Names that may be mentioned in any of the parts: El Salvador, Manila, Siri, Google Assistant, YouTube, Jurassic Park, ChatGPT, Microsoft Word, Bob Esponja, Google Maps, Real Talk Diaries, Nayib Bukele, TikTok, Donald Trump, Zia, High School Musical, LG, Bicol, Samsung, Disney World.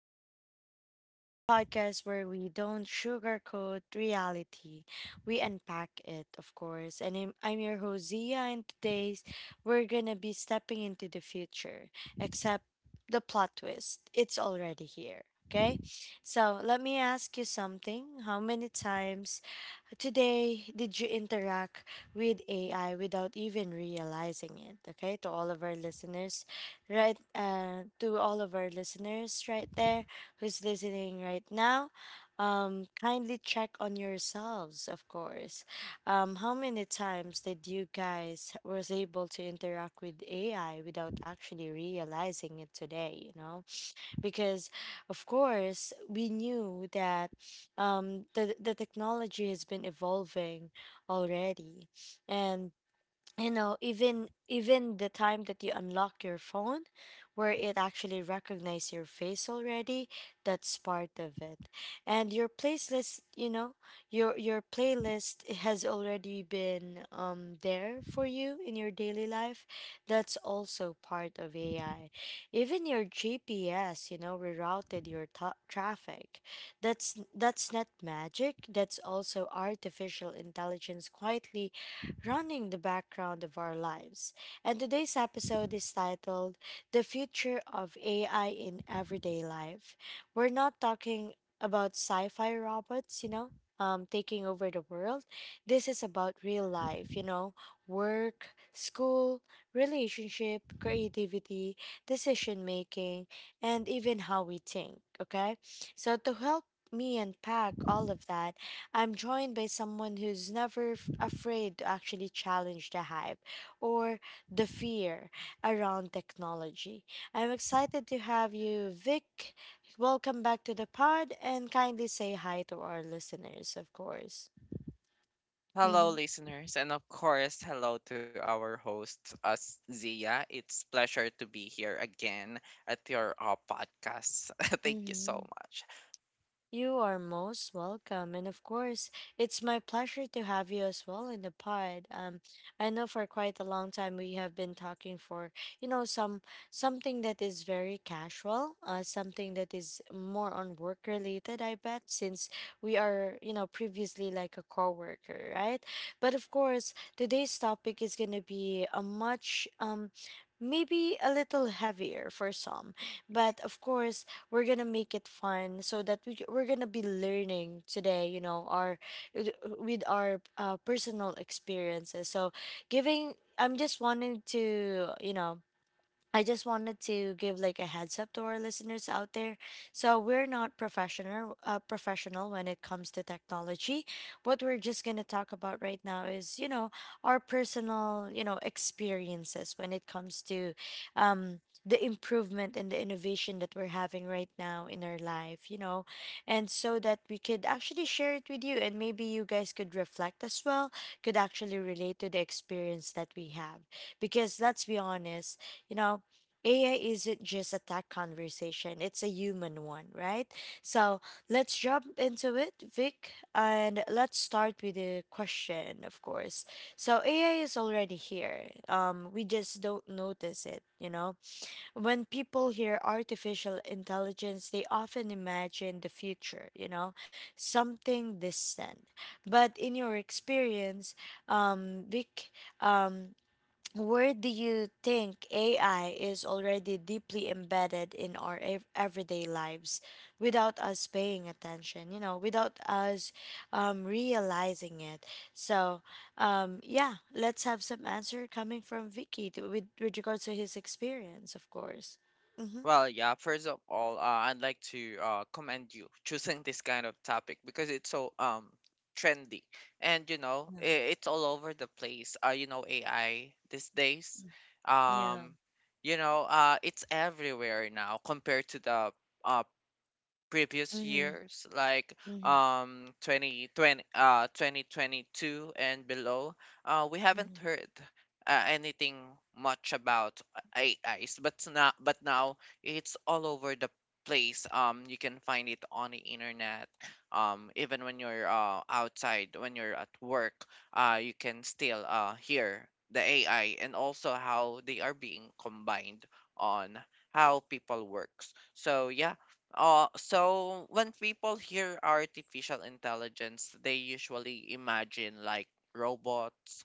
Diaries, the podcast where we don't sugarcoat reality. We unpack it, of course. And I'm your host, Zia, and today's we're gonna be stepping into the future, except the plot twist. It's already here, okay? So let me ask you something. How many times today did you interact with AI without even realizing it? Okay, to all of our listeners, right to all of our listeners right there who's listening right now, kindly check on yourselves, of course. Um, how many times did you guys was able to interact with ai without actually realizing it today, you know, because of course we knew that, the technology has been evolving already. And you know, even the time that you unlock your phone where it actually recognizes your face already, that's part of it. And your playlist, you know, your playlist has already been there for you in your daily life. That's also part of ai. Even your gps, you know, rerouted your traffic. That's not magic. That's also artificial intelligence quietly running the background of our lives. And today's episode is titled The Future of AI in Everyday Life. We're not talking about sci fi robots, you know, taking over the world. This is about real life, you know, work, school, relationship, creativity, decision making, and even how we think, okay? So to help me unpack all of that, I'm joined by someone who's never afraid to actually challenge the hype or the fear around technology. I'm excited to have you, Vic. Welcome back to the pod and kindly say hi to our listeners, of course. Hello, listeners, and of course, hello to our host, us Zia. It's pleasure to be here again at your podcast. Thank you so Mm-hmm. much. You are most welcome. And of course, it's my pleasure to have you as well in the pod. I know for quite a long time we have been talking for, you know, some something that is very casual, something that is more on work related, I bet, since we are, you know, previously like a coworker, right? But of course, today's topic is gonna be a much maybe a little heavier for some, but of course we're gonna make it fun so that we're gonna be learning today, you know, our with with our personal experiences. So giving I'm just wanting to you know, I just wanted to give like a heads up to our listeners out there. So we're not professional, professional when it comes to technology. What we're just going to talk about right now is, you know, our personal, you know, experiences when it comes to the improvement and the innovation that we're having right now in our life, you know, and so that we could actually share it with you, and maybe you guys could reflect as well, could actually relate to the experience that we have. Because let's be honest, you know, AI isn't just a tech conversation, it's a human one, right? So let's jump into it, Vic, and let's start with the question, of course. So AI is already here. We just don't notice it, you know? When people hear artificial intelligence, they often imagine the future, you know, something distant. But in your experience, Vic, um, where do you think AI is already deeply embedded in our everyday lives without us paying attention, you know, without us, realizing it? So, yeah, let's have some answer coming from Vicky to, with regards to his experience, of course. Mm-hmm. Well, yeah. First of all, I'd like to commend you choosing this kind of topic because it's so trendy, and you know Yeah. I it's all over the place. You know, AI these days. Yeah. Um, you know, it's everywhere now compared to the uh previous Mm-hmm. years, like Mm-hmm. 2020, 2022 and below. We haven't Mm-hmm. heard anything much about AIs, but now it's all over the place. You can find it on the internet. Even when you're outside, when you're at work, you can still hear the AI, and also how they are being combined on how people works. So yeah. So when people hear artificial intelligence, they usually imagine like robots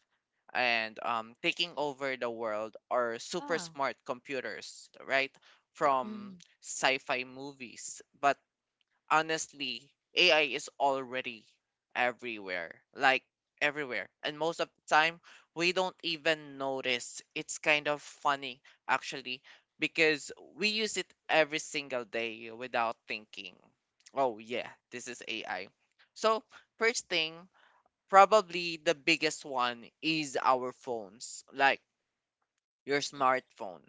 and, taking over the world, or super Yeah. smart computers, right? From Mm-hmm. sci-fi movies. But honestly, AI is already everywhere, like everywhere. And most of the time, we don't even notice. It's kind of funny, actually, because we use it every single day without thinking, oh, yeah, this is AI. So, first thing, probably the biggest one is our phones. Like, your smartphone.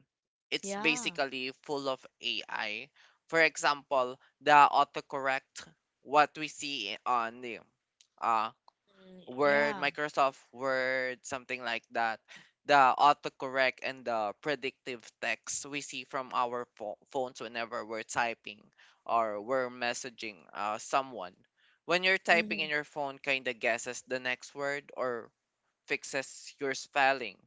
It's Yeah. basically full of AI. For example, the autocorrect, what we see on the uh, Mm, Word, yeah. Microsoft Word, something like that. The autocorrect and the predictive text we see from our phones whenever we're typing or we're messaging someone. When you're typing in Mm-hmm. your phone, kind of guesses the next word or fixes your spelling.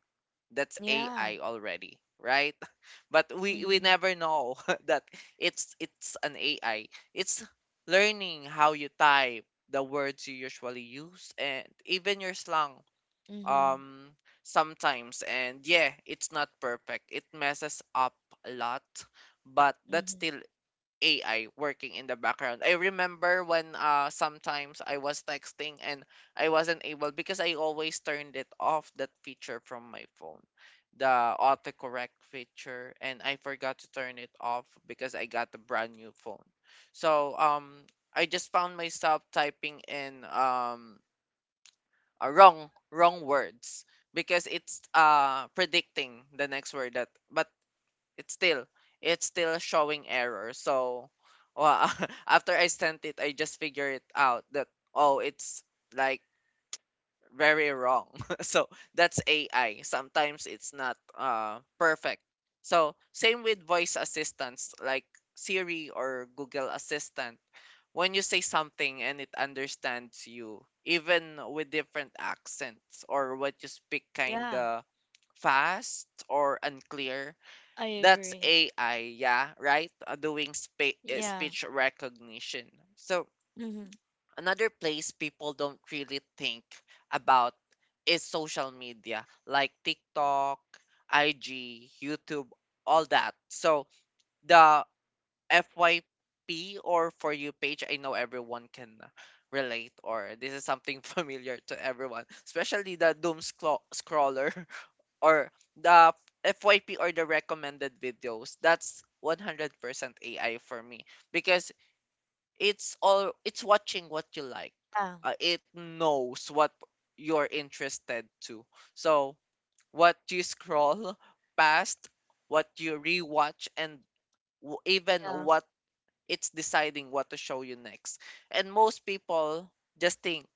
That's AI Yeah. already, right? But we Mm-hmm. never know that it's an AI. It's learning how you type, the words you usually use, and even your slang Mm-hmm. um sometimes. And yeah, it's not perfect. It messes up a lot, but that's Mm-hmm. still AI working in the background. I remember when sometimes I was texting and I wasn't able because I always turned it off, that feature from my phone. The autocorrect feature, and I forgot to turn it off because I got a brand new phone. So I just found myself typing in wrong words because it's predicting the next word that, but it's still it's still showing error. So well, after I sent it, I just figure it out that, oh, it's like very wrong. So that's AI, sometimes it's not perfect. So same with voice assistants like Siri or Google Assistant, when you say something and it understands you even with different accents, or what you speak kind Yeah. of fast or unclear. I That's agree. AI, yeah, right? Doing Yeah. speech recognition. So, Mm-hmm. another place people don't really think about is social media, like TikTok, IG, YouTube, all that. So, the FYP, or For You page, I know everyone can relate, or this is something familiar to everyone, especially the doom scroller, or the FYP, or the recommended videos. That's 100% AI for me, because it's all, it's watching what you like. Yeah. It knows what you're interested to. So what you scroll past, what you rewatch, and even Yeah. what, it's deciding what to show you next. And most people just think,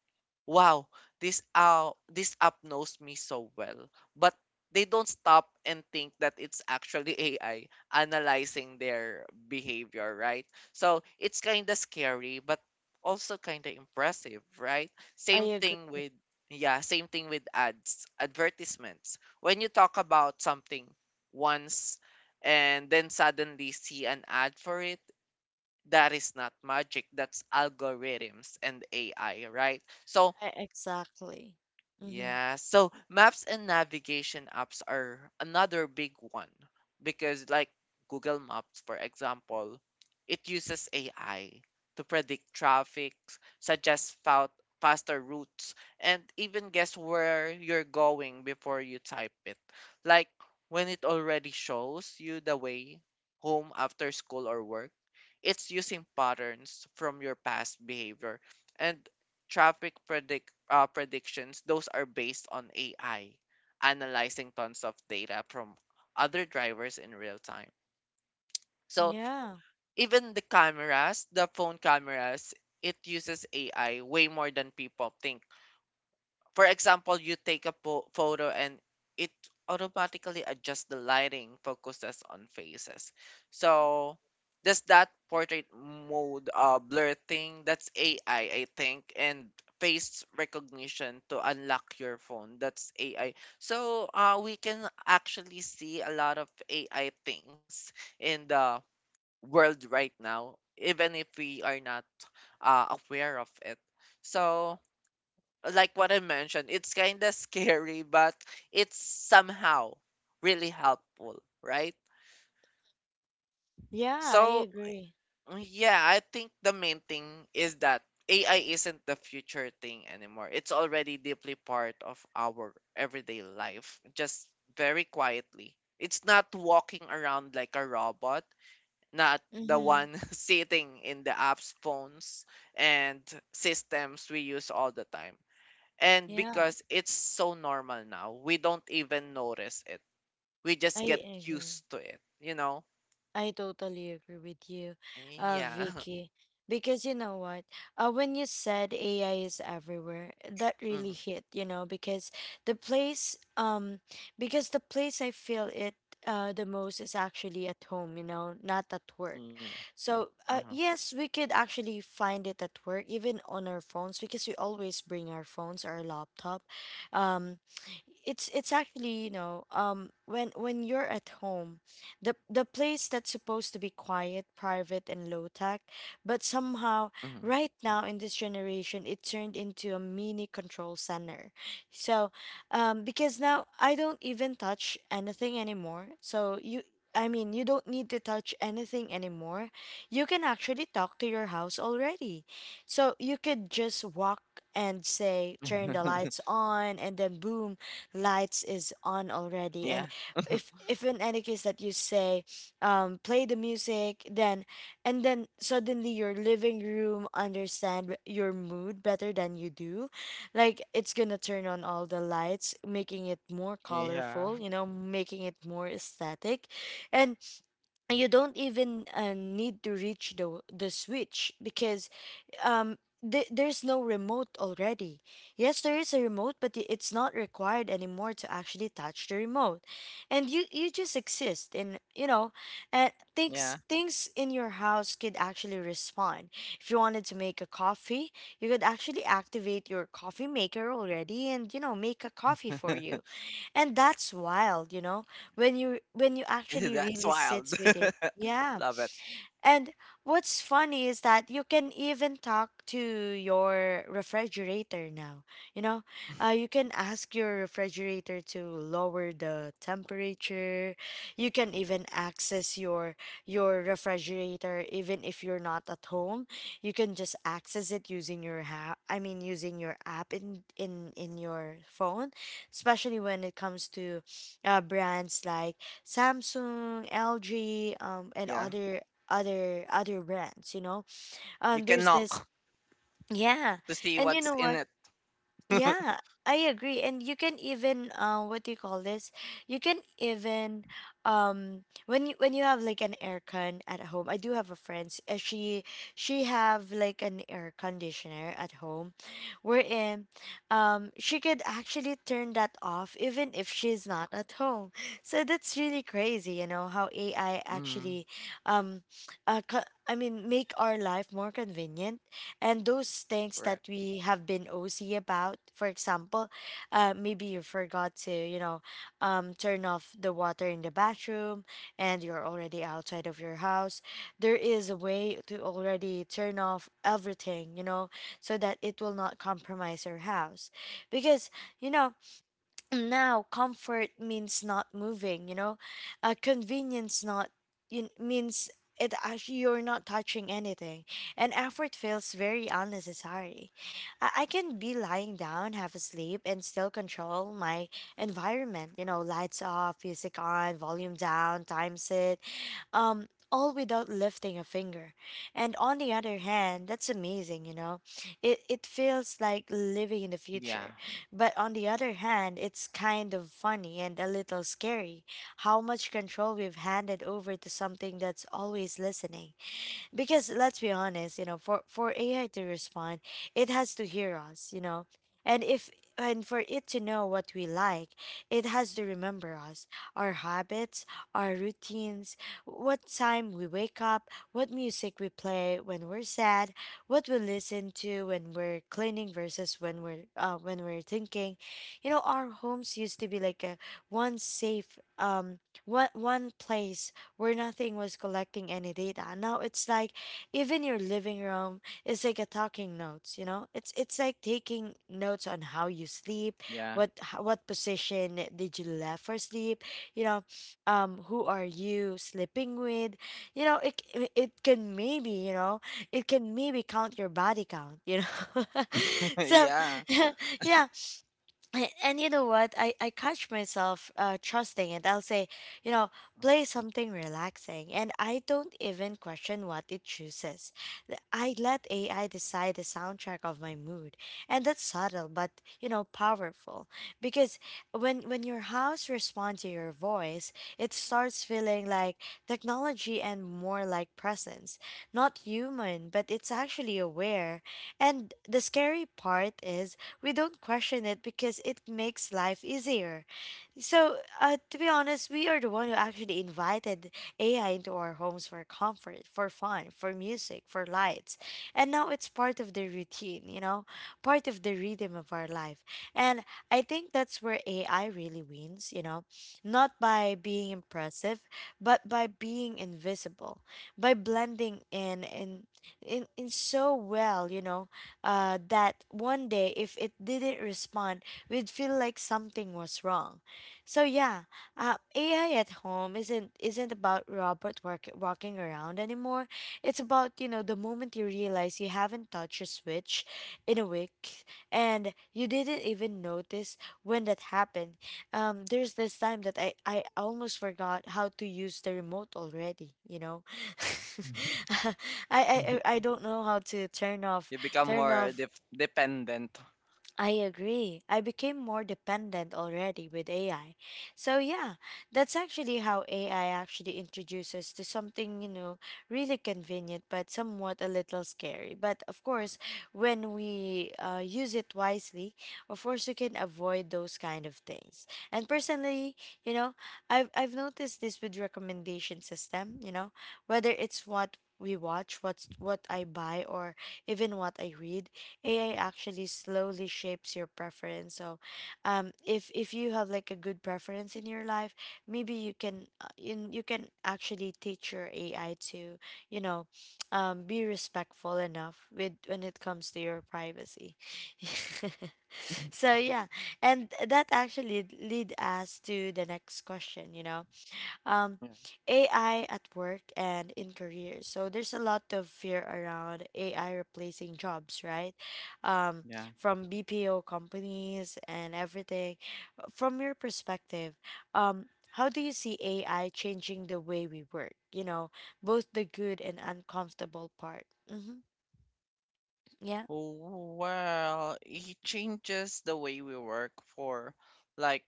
wow, this app knows me so well. But they don't stop and think that it's actually AI analyzing their behavior, right? So it's kind of scary, but also kind of impressive, right? I Same agree. thing with, yeah, same thing with ads, advertisements. When you talk about something once and then suddenly see an ad for it, that is not magic. That's algorithms and AI, right? So I, exactly. Mm-hmm. yeah, so maps and navigation apps are another big one because, like Google Maps, for example, it uses AI to predict traffic, suggest faster routes, and even guess where you're going before you type it. Like when it already shows you the way home after school or work, it's using patterns from your past behavior. And traffic predictions, those are based on AI analyzing tons of data from other drivers in real time. So Yeah. even the cameras, the phone cameras, it uses AI way more than people think. For example, you take a photo and it automatically adjusts the lighting, focuses on faces. So does that portrait mode blur thing? That's AI, I think. And face recognition to unlock your phone, that's AI. So we can actually see a lot of AI things in the world right now, even if we are not aware of it. So like what I mentioned, it's kind of scary, but it's somehow really helpful, right? Yeah. I So, agree. yeah, I think the main thing is that AI isn't the future thing anymore. It's already deeply part of our everyday life, just very quietly. It's not walking around like a robot, not the Mm-hmm. one sitting in the apps, phones, and systems we use all the time. And Yeah. because it's so normal now, we don't even notice it. We I just get agree. used to it, you know? I totally agree with you, Yeah. Vicky. Because you know what? When you said AI is everywhere, that really Mhm. hit, you know, the place um because the place I feel it the most is actually at home, you know, not at work. Yeah. So Uh-huh. yes, we could actually find it at work, even on our phones, because we always bring our phones, our laptop. Um, it's actually, you know, um, when you're at home, the place that's supposed to be quiet, private, and low tech, but Mhm. somehow right now in this generation, it turned into a mini control center. So, because now I don't even touch anything anymore. So you. I mean, you don't need to touch anything anymore. You can actually talk to your house already. So you could just walk and say, turn the lights on, and then boom, lights is on Yeah. already. And if in any case that you say, play the music, then and then suddenly your living room understand your mood better than you do, like it's gonna turn on all the lights, making it more Yeah. colorful, you know, making it more aesthetic. And you don't even need to reach the switch, because, um, there's no remote already. Yes, there is a remote, but it's not required anymore to actually touch the remote. And you just exist, and you know, and Yeah. things in your house could actually respond. If you wanted to make a coffee, you could actually activate your coffee maker already, and you know, make a coffee for you. And that's wild, you know, when you actually That's really wild. sits with it. Yeah. Love it. And what's funny is that you can even talk to your refrigerator now. You know, you can ask your refrigerator to lower the temperature. You can even access your refrigerator even if you're not at home. You can just access it using your I mean using your app in your phone, especially when it comes to brands like Samsung, LG, and Yeah. Other brands, you know. You can There's this knock yeah. to see And you what's know in what? it. Yeah, I agree. And you can even what do you call this? You can even, um, when you have like an aircon at home. I do have a friend. She have like an air conditioner at home, wherein um, she could actually turn that off even if she's not at home. So that's really crazy, you know, how AI Mm, actually, um, uh, co- I mean make our life more convenient, and those things that correct. we have been OC about. For example, maybe you forgot to, you know, turn off the water in the bathroom, and you're already outside of your house. There is a way to already turn off everything, you know, so that it will not compromise your house. Because, you know, now comfort means not moving, you know, convenience not you, means it actually you're not touching anything, and effort feels very unnecessary. I can be lying down, have a sleep, and still control my environment, you know, lights off, music on, volume down, time set, all without lifting a finger. And on the other hand, that's amazing, you know? It feels like Yeah. living in the future. But on the other hand, it's kind of funny and a little scary how much control we've handed over to something that's always listening. Because let's be honest, you know, for ai to respond, it has to hear us, you know, and if and for it to know what we like, it has to remember us, our habits, our routines, what time we wake up, what music we play when we're sad, what we listen to when we're cleaning versus when we're thinking. You know, our homes used to be like a one safe, um, one place where nothing was collecting any data. Now it's like even your living room is like a talking notes, you know? It's like taking notes on how you sleep, Yeah. What position did you left for sleep, you know, um, who are you sleeping with? You know, it can maybe, you know, it can maybe count your body count, you know. So, Yeah. yeah, and you know what I catch myself trusting it. I'll say, you know, play something relaxing, and I don't even question what it chooses. I let ai decide the soundtrack of my mood, and that's subtle, but you know, powerful. Because when your house responds to your voice, it starts feeling like technology and more like presence, not human, but it's actually aware. And the scary part is we don't question it because it makes life easier. So, to be honest, we are the one who actually invited AI into our homes for comfort, for fun, for music, for lights. And now it's part of the routine, you know, part of the rhythm of our life. And I think that's where AI really wins, you know, not by being impressive, but by being invisible, by blending in so well, you know, that one day if it didn't respond, we'd feel like something was wrong. So yeah, AI at home isn't about Robert work, walking around anymore. It's about, you know, the moment you realize you haven't touched a switch in a week and you didn't even notice when that happened. There's this time that I almost forgot how to use the remote already. You know. I don't know how to turn off You become turn more off dependent. I agree, I became more dependent already with AI. So yeah, that's actually how AI actually introduces to something, you know, really convenient but somewhat a little scary. But of course, when we use it wisely, of course we can avoid those kind of things. And personally, you know, I've noticed this with recommendation system, you know, whether it's what we watch, what's what I buy, or even what I read, AI actually slowly shapes your preference. So, if you have like a good preference in your life, maybe you can in you can actually teach your AI to, you know, be respectful enough with when it comes to your privacy. So yeah, and that actually lead us to the next question. You know, um, AI at work and in careers. So there's a lot of fear around AI replacing jobs, right? Um, Yeah. from BPO companies and everything. From your perspective, um, how do you see AI changing the way we work? You know, both the good and uncomfortable part. Mm-hmm. Yeah. Oh, well, it changes the way we work for like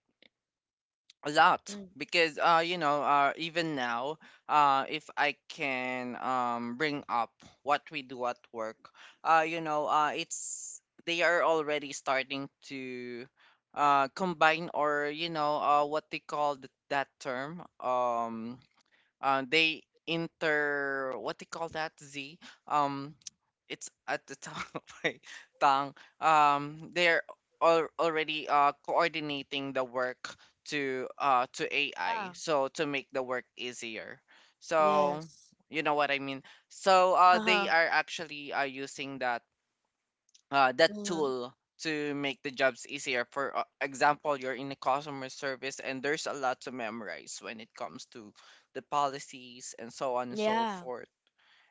a lot, Mm. because you know, even now, if I can bring up what we do at work, you know, it's, they are already starting to combine, or you know, what they call that term, they inter, what they call that z, um it's at the top of my tongue. They're already coordinating the work to AI, Yeah. so to make the work easier. So Yes. you know what I mean. So Uh they huh. are actually using that that Mm-hmm. tool to make the jobs easier. For example, you're in the customer service, and there's a lot to memorize when it comes to the policies and so on and so Yeah. forth.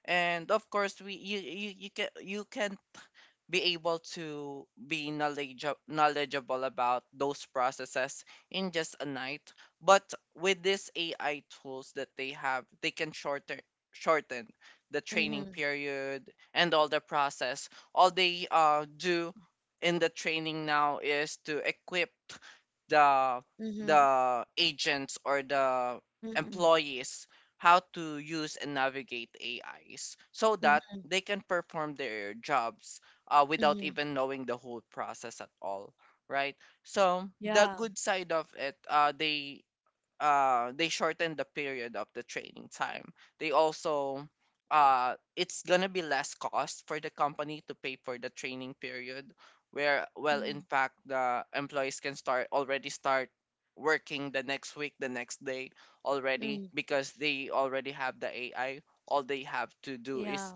And of course, you can, you can be able to be knowledgeable about those processes in just a night. But with these AI tools that they have, they can shorten the training Mm-hmm. period and all the process. All they do in the training now is to equip the Mm-hmm. the agents or the Mm-hmm. employees how to use and navigate AIs, so that they can perform their jobs without Mm-hmm. even knowing the whole process at all, right? So the Yeah. good side of it, they shortened the period of the training time. They also, it's gonna be less cost for the company to pay for the training period, where, well, in Mm-hmm. fact, the employees can start working the next week, the next day already, because they already have the AI. All they have to do Yeah. is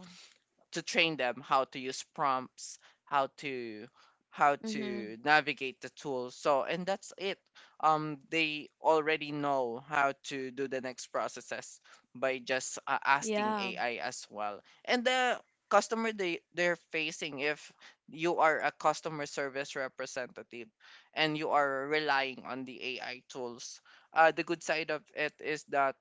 to train them how to use prompts, how to how to Mhm. navigate the tools. So and that's it. They already know how to do the next processes by just asking Yeah. AI as well. And the customer they they're facing, if you are a customer service representative and you are relying on the AI tools. The good side of it is that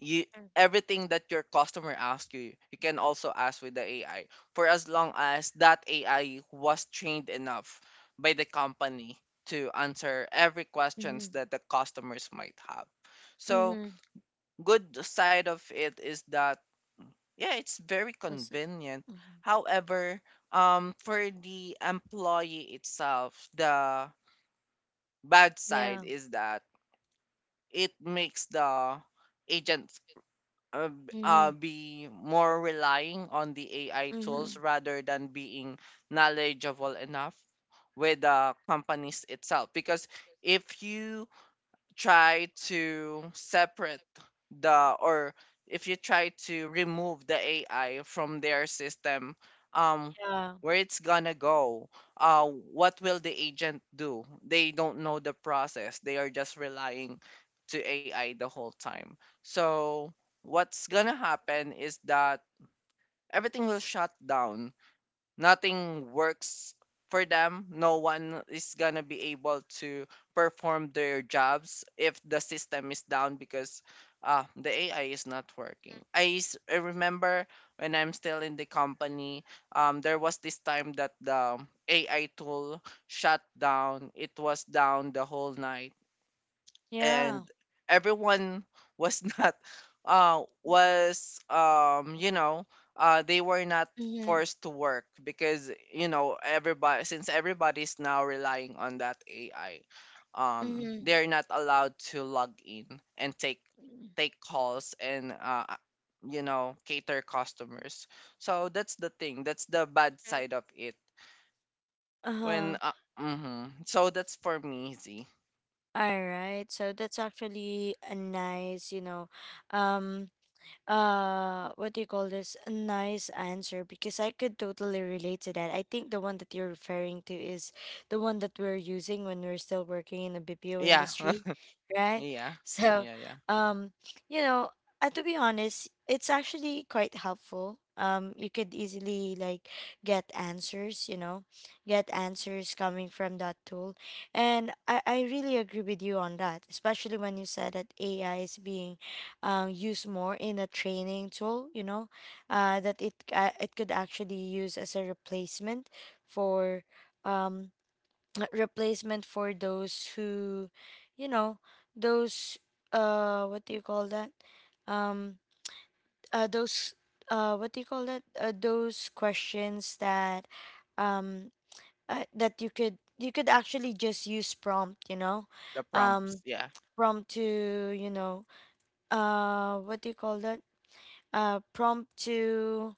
you Mm. everything that your customer asks you, you can also ask with the AI, for as long as that AI was trained enough by the company to answer every questions Mhm. that the customers might have. So Mhm. good side of it is that, yeah, it's very Also, convenient. mhm. However, for the employee itself, the bad side Yeah. is that it makes the agent Mhm. be more relying on the AI tools, Mhm. rather than being knowledgeable enough with the companies itself. Because if you try to separate the, or if you try to remove the AI from their system, um, Yeah. where it's gonna go, what will the agent do? They don't know the process. They are just relying to AI the whole time. So what's gonna happen is that everything will shut down, nothing works for them. No one is gonna be able to perform their jobs if the system is down because the AI is not working. I remember when I'm still in the company, there was this time that the AI tool shut down. It was down the whole night, and Yeah. everyone was not was you know, they were not Mhm. forced to work because, you know, everybody, since everybody's now relying on that AI, Mhm. they're not allowed to log in and Mm. take calls and you know, cater customers. So that's the thing, that's the bad Mhm. side of it when, Uh-huh. Mhm. So that's for me, Z. All right. So that's actually a nice, you know, um what do you call this, a nice answer, because I could totally relate to that. I think the one that you're referring to is the one that we're using when we're still working in the BPO yeah industry, right? yeah So yeah. um you know, to be honest, it's actually quite helpful. You could easily like get answers, you know, get answers coming from that tool. And I really agree with you on that, especially when you said that AI is being use more in a training tool, you know, that it it could actually use as a replacement for um, replacement for those who, you know, those what do you call that um those what do you call that those questions that um that you could actually just use prompt, you know, The prompts, um yeah. prompt to, you know, what do you call that prompt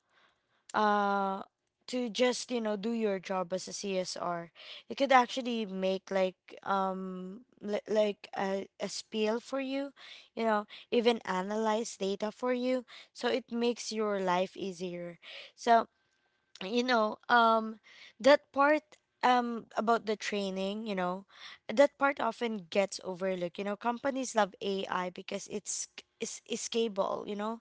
uh, to just, you know, do your job as a CSR. You could actually make like like a spiel for you, you know, even analyze data for you, so it makes your life easier. So, you know, that part about the training, you know, that part often gets overlooked. You know, companies love AI because it's is scalable, you know,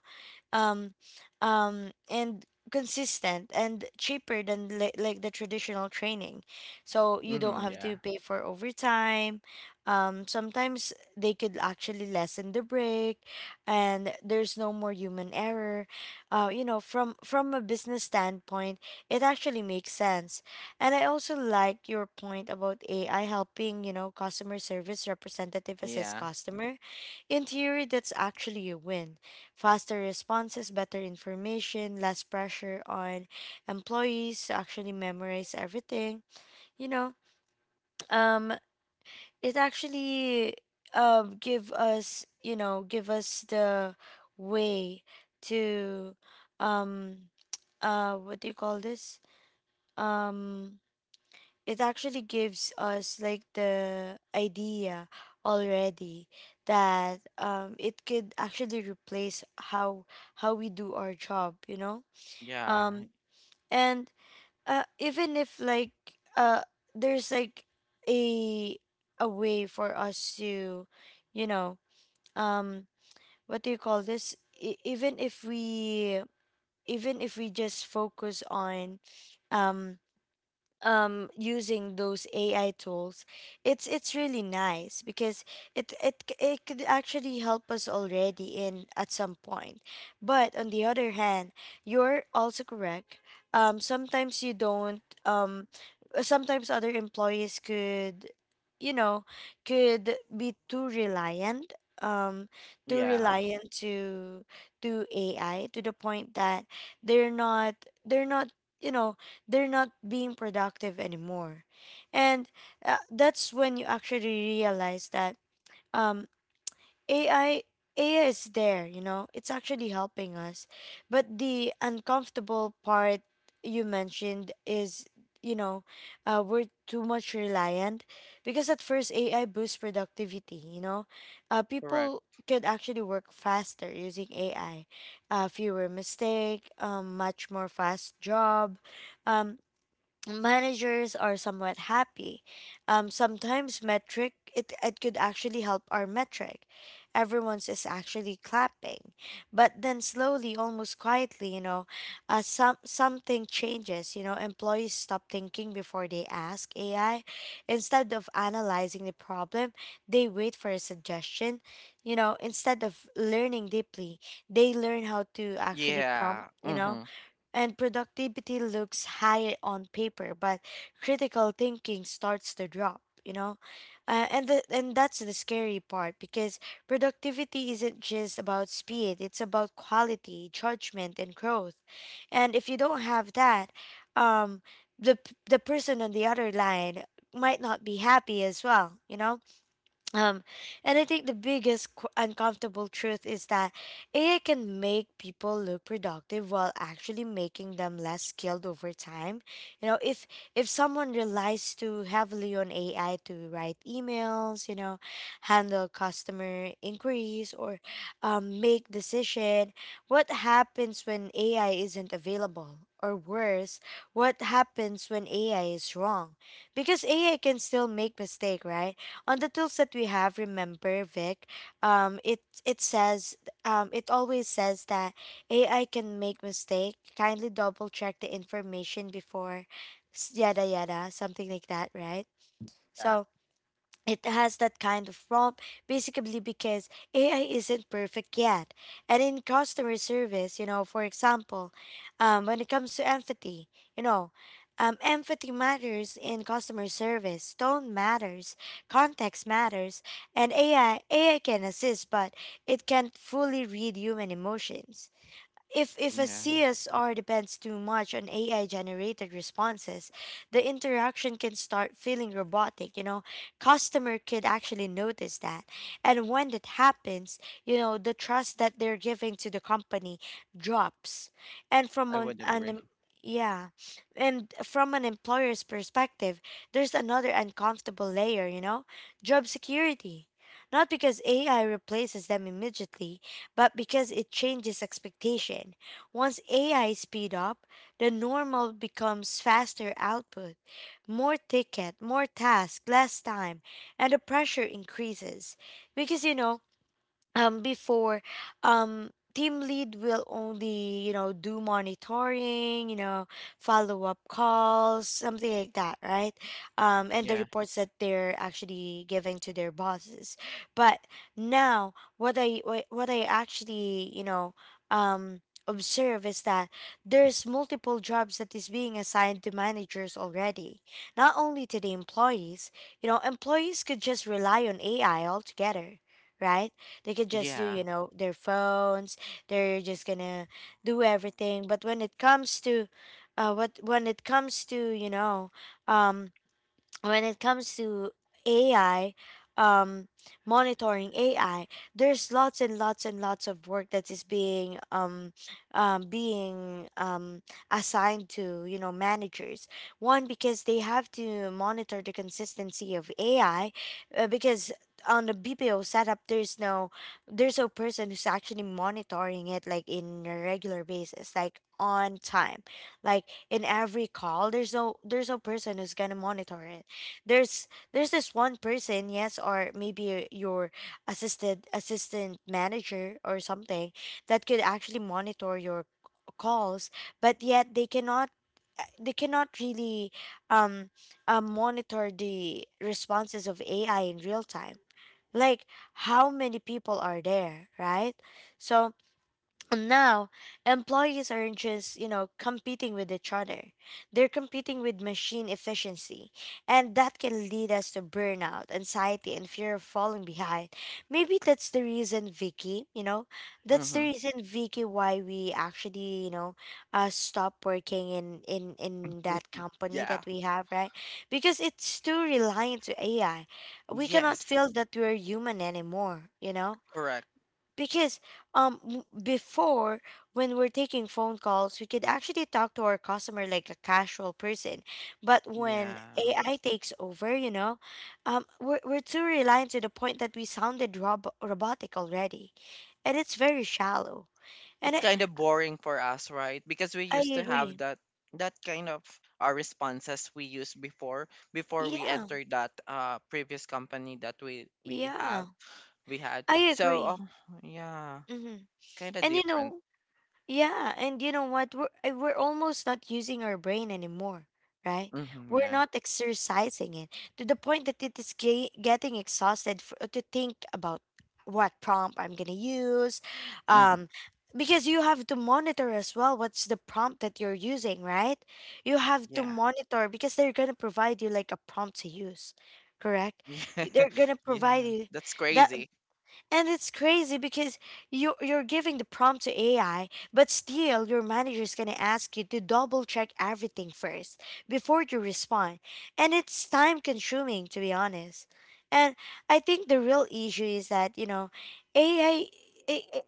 um, and consistent and cheaper than like the traditional training. So you don't Mm-hmm, have yeah. to pay for overtime. Sometimes they could actually lessen the break, and there's no more human error. You know, from a business standpoint, it actually makes sense. And I also like your point about AI helping, you know, customer service representative assist Yeah. customer. In theory, that's actually a win: faster responses, better information, less pressure on employees to actually memorize everything. You know, um, it actually give us, you know, give us the way to um what do you call this um it actually gives us like the idea already that it could actually replace how how we do our job, you know. Yeah. Um and Even if like uh there's like a a way for us to, you know, um what do you call this even if we just focus on um using those AI tools, it's really nice because it could actually help us already in at some point. But on the other hand, you're also correct. Sometimes you don't. Sometimes other employees could, you know, could be too reliant. Um, Too Yeah. reliant to AI to the point that they're not they're not you know, they're not being productive anymore. And that's when you actually realize that um, AI AI is there, you know, it's actually helping us. But the uncomfortable part you mentioned is, you know, we're too much reliant because at first AI boosts productivity, you know, Correct. people could actually work faster using AI, fewer mistake, much more fast job, um, managers are somewhat happy. Sometimes metric, it could actually help our metric. Everyone's is actually clapping, but then slowly, almost quietly, you know, something changes. You know, employees stop thinking before they ask AI. Instead of analyzing the problem, they wait for a suggestion. You know, instead of learning deeply, they learn how to actually Yeah. prompt. You Mm-hmm. know, and productivity looks high on paper, but critical thinking starts to drop, you know? And that's the scary part because productivity isn't just about speed, it's about quality, judgment, and growth. And if you don't have that, um, the person on the other line might not be happy as well, you know? Um, and I think the biggest uncomfortable truth is that AI can make people look productive while actually making them less skilled over time. You know, if someone relies too heavily on AI to write emails, you know, handle customer inquiries, or make decision, what happens when AI isn't available? Or worse, what happens when AI is wrong? Because AI can still make mistake, right? On the tools that we have, remember Vic, it it says, it always says that AI can make mistake, kindly double check the information before yada yada, something like that, right? Yeah. So it has that kind of prompt basically because AI isn't perfect yet. And in customer service, you know, for example, when it comes to empathy, you know, empathy matters in customer service. Tone matters, context matters, and AI can assist, but it can't fully read human emotions. If a Yeah. CSR depends too much on AI generated responses, the interaction can start feeling robotic. You know, customer could actually notice that. And when that happens, you know, the trust that they're giving to the company drops. And I from would an agree. em- yeah, and from an employer's perspective, there's another uncomfortable layer, you know, job security. Not because AI replaces them immediately, but because it changes expectation. Once AI speed up, the normal becomes faster output, more ticket, more task, less time, and the pressure increases. Because, you know, before, team lead will only, you know, do monitoring, you know, follow up calls, something like that, right? And the Yeah. reports that they're actually giving to their bosses, but now what I actually, you know, um observe is that there's multiple jobs that is being assigned to managers already, not only to the employees. You know, employees could just rely on AI altogether, right? They can just do, Yeah. you know, their phones. They're just gonna do everything. But when it comes to, what when it comes to, you know, um, when it comes to AI, um, monitoring AI, there's lots and lots and lots of work that is being um, being um, assigned to, you know, managers. One, because they have to monitor the consistency of AI, because on the BPO setup, there's no person who's actually monitoring it like in a regular basis, like on time, like in every call. There's no person who's gonna monitor it. There's there's this one person, yes, or maybe your assisted assistant manager or something that could actually monitor your calls, but yet they cannot really um, monitor the responses of AI in real time, like how many people are there, right? So now employees are just, competing with each other. They're competing with machine efficiency, and that can lead us to burnout, anxiety and fear of falling behind. Maybe that's the reason, Vicky, that's the Mm-hmm. reason, Vicky, why we actually, stop working in in that company Yeah. that we have, right? Because it's too reliant to AI. We cannot Yes. feel that we're human anymore, you know? Correct. Because before, when we're taking phone calls, we could actually talk to our customer like a casual person. But when Yeah. AI takes over, you know, we're too reliant to the point that we sounded robotic already, and it's very shallow. And It's kind of boring for us, right? Because we I used to have agree. that that kind of responses we used before we Yeah, entered that previous company that we we yeah, have we had. I So agree. oh yeah, Mm-hmm. it's kind of and you different. know Yeah, and you know what? We're almost not using our brain anymore, right? Mm-hmm, We're yeah. not exercising it to the point that it is getting exhausted to think about what prompt I'm gonna use, hmm um, because you have to monitor as well what's the prompt that you're using, right? You have to Yeah. monitor because they're gonna provide you like a prompt to use, correct? They're gonna provide Yeah. you That's that. crazy. And it's crazy because you're giving the prompt to AI, but still your manager is gonna ask you to double check everything first before you respond. And it's time consuming, to be honest. And I think the real issue is that, you know, AI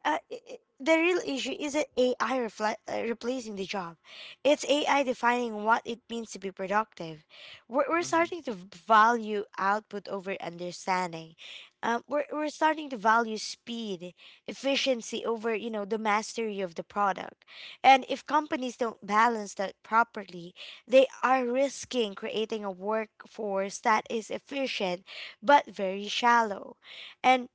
uh, i- i- the real issue isn't AI replacing the job. It's AI defining what it means to be productive. We're Hmm starting to value output over understanding. We're starting to value speed, efficiency over, you know, the mastery of the product. And if companies don't balance that properly, they are risking creating a workforce that is efficient but very shallow. And,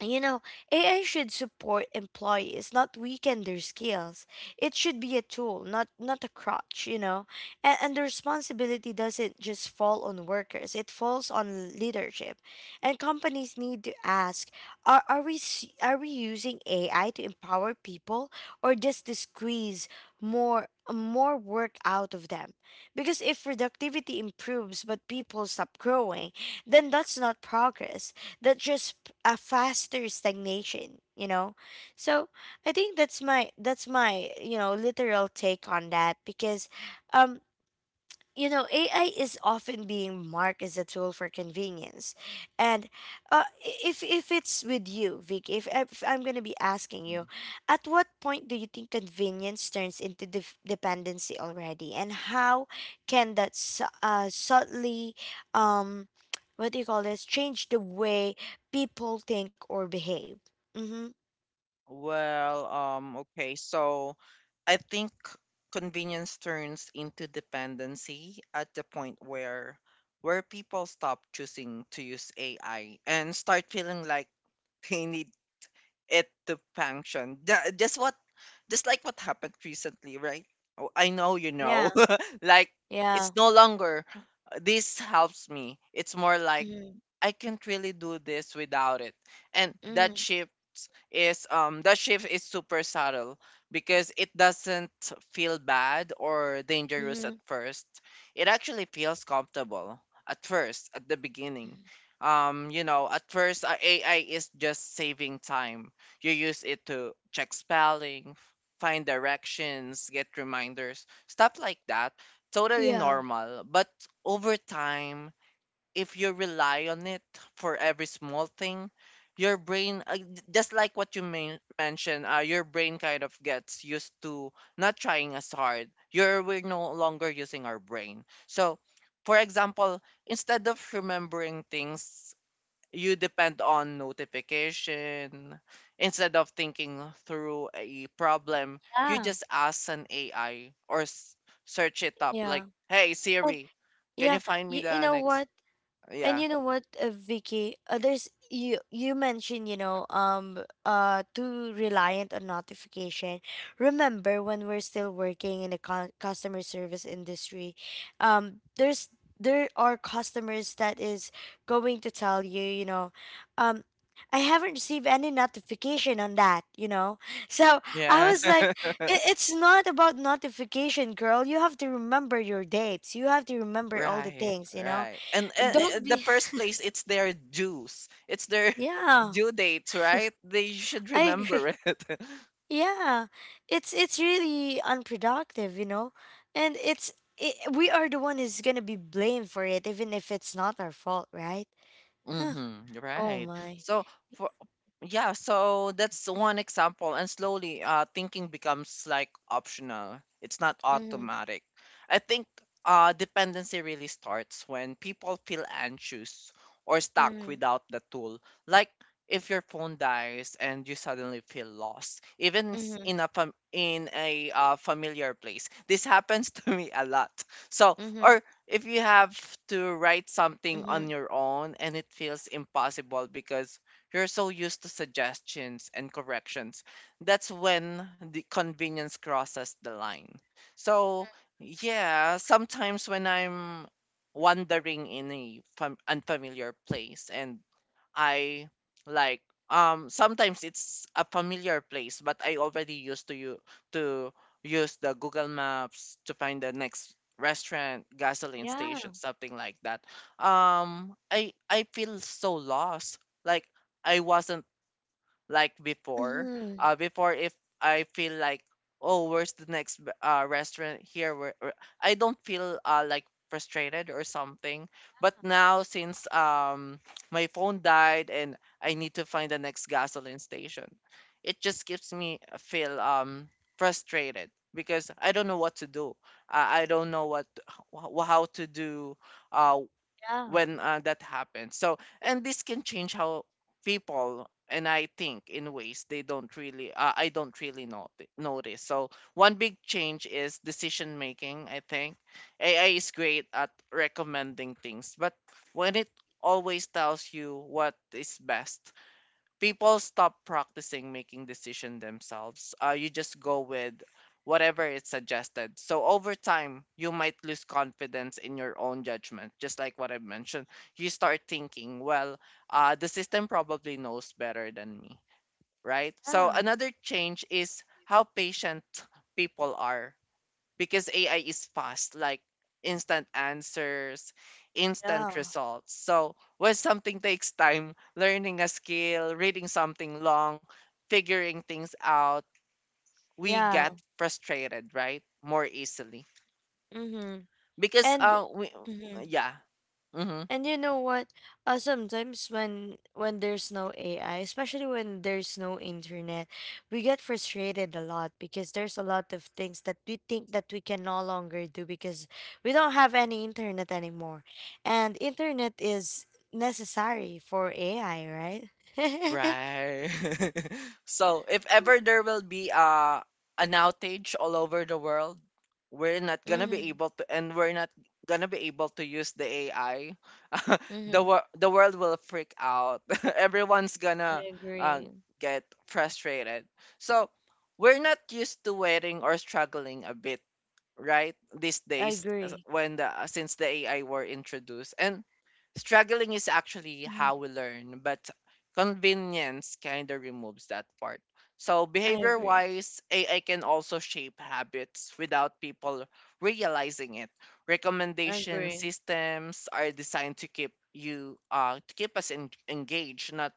you know, AI should support employees, not weaken their skills. It should be a tool, not a crutch, you know. And the responsibility doesn't just fall on workers, it falls on leadership. And companies need to ask, are we using AI to empower people or just to squeeze more more work out of them? Because if productivity improves but people stop growing, then that's not progress, that just a faster stagnation, you know? So I think that's my you know, literal take on that. Because um you know, AI is often being marked as a tool for convenience. And if it's with you, Vic, if I'm going to be asking you, at what point do you think convenience turns into dependency already? And how can that subtly, um, what do you call this, change the way people think or behave? Mm-hmm. Well, okay. So I think convenience turns into dependency at the point where people stop choosing to use AI and start feeling like they need it to function. Just like what happened recently, right? Oh, I know you Yeah. know. Like Yeah. it's no longer this helps me. It's more like Mm-hmm. I can't really do this without it. And that shift is super subtle because it doesn't feel bad or dangerous Mm-hmm. at first. It actually feels comfortable at first, at the beginning. Mm-hmm. You know, at first, AI is just saving time. You use it to check spelling, find directions, get reminders, stuff like that. Totally Yeah. normal. But over time, if you rely on it for every small thing, your brain, just like what you mentioned, your brain kind of gets used to not trying as hard. We're no longer using our brain. So, for example, instead of remembering things, you depend on notification. Instead of thinking through a problem, you Yeah. just ask an AI or search it up, like, Yeah. "Hey Siri, can Yeah, you find me you the know next..." what? And Yeah. you know what, Vicky? There's you mentioned, you know, too reliant on notification. Remember when we're still working in the customer service industry, um there's there are customers that is going to tell you, you know, um. I haven't received any notification on that, you know. So I Yeah. was like, it's not about notification, girl. You have to remember your dates. You have to remember all the Right, things, you know. right, and, and, Don't and the be first place it's their dues, it's their yeah, due dates, right? They should I agree. remember it. Yeah, it's really unproductive, you know, and we are the one who's gonna be blamed for it, even if it's not our fault, right? Mm-hmm. Oh Right. my. So for yeah, so that's one example. And slowly, thinking becomes like optional. It's not Mm-hmm. automatic. I think dependency really starts when people feel anxious or stuck Mm-hmm. without the tool. Like if your phone dies and you suddenly feel lost, even Mm-hmm. In a familiar place. This happens to me a lot. So Mm-hmm. or if you have to write something Mm-hmm. on your own and it feels impossible because you're so used to suggestions and corrections, that's when the convenience crosses the line. So, yeah, sometimes when I'm wandering in a unfamiliar place and I like sometimes it's a familiar place, but I already used to you to use the Google Maps to find the next restaurant, gasoline Yeah. station, something like that. Um, I feel so lost. Like I wasn't like before. Mm-hmm. Before if I feel like, oh, where's the next restaurant here? Where... I don't feel like frustrated or something. But now since my phone died and I need to find the next gasoline station, it just gives me a feel frustrated because I don't know what to do. I don't know how to do. Uh, Yeah. when that happens. So, and this can change how people, and I think in ways they don't really, I don't really notice. So, one big change is decision making. I think AI is great at recommending things, but when it always tells you what is best, people stop practicing making decision themselves. You just go with whatever is suggested. So over time, you might lose confidence in your own judgment. Just like what I mentioned, you start thinking, well, the system probably knows better than me, right? So Yeah. another change is how patient people are, because AI is fast, like instant answers, Yeah. instant results. So when something takes time, learning a skill, reading something long, figuring things out, we Yeah. get frustrated, right? More easily Mm-hmm. because And. we yeah. Mm-hmm. And you know what? Sometimes when there's no AI, especially when there's no internet, we get frustrated a lot because there's a lot of things that we think that we can no longer do because we don't have any internet anymore. And internet is necessary for AI, right? Right. So if ever there will be an outage all over the world, we're not gonna Mm-hmm. be able to, and we're not gonna be able to use the AI. Mm-hmm. The the world will freak out. Everyone's I gonna uh, agree. get frustrated. So we're not used to waiting or struggling a bit, right, these I days, as- agree. when the since the AI were introduced. And struggling is actually Mhm. how we learn, but convenience kind of removes that part. So I behavior agree. wise ai can also shape habits without people realizing it. I Recommendation agree. systems are designed to keep you to keep us engaged, not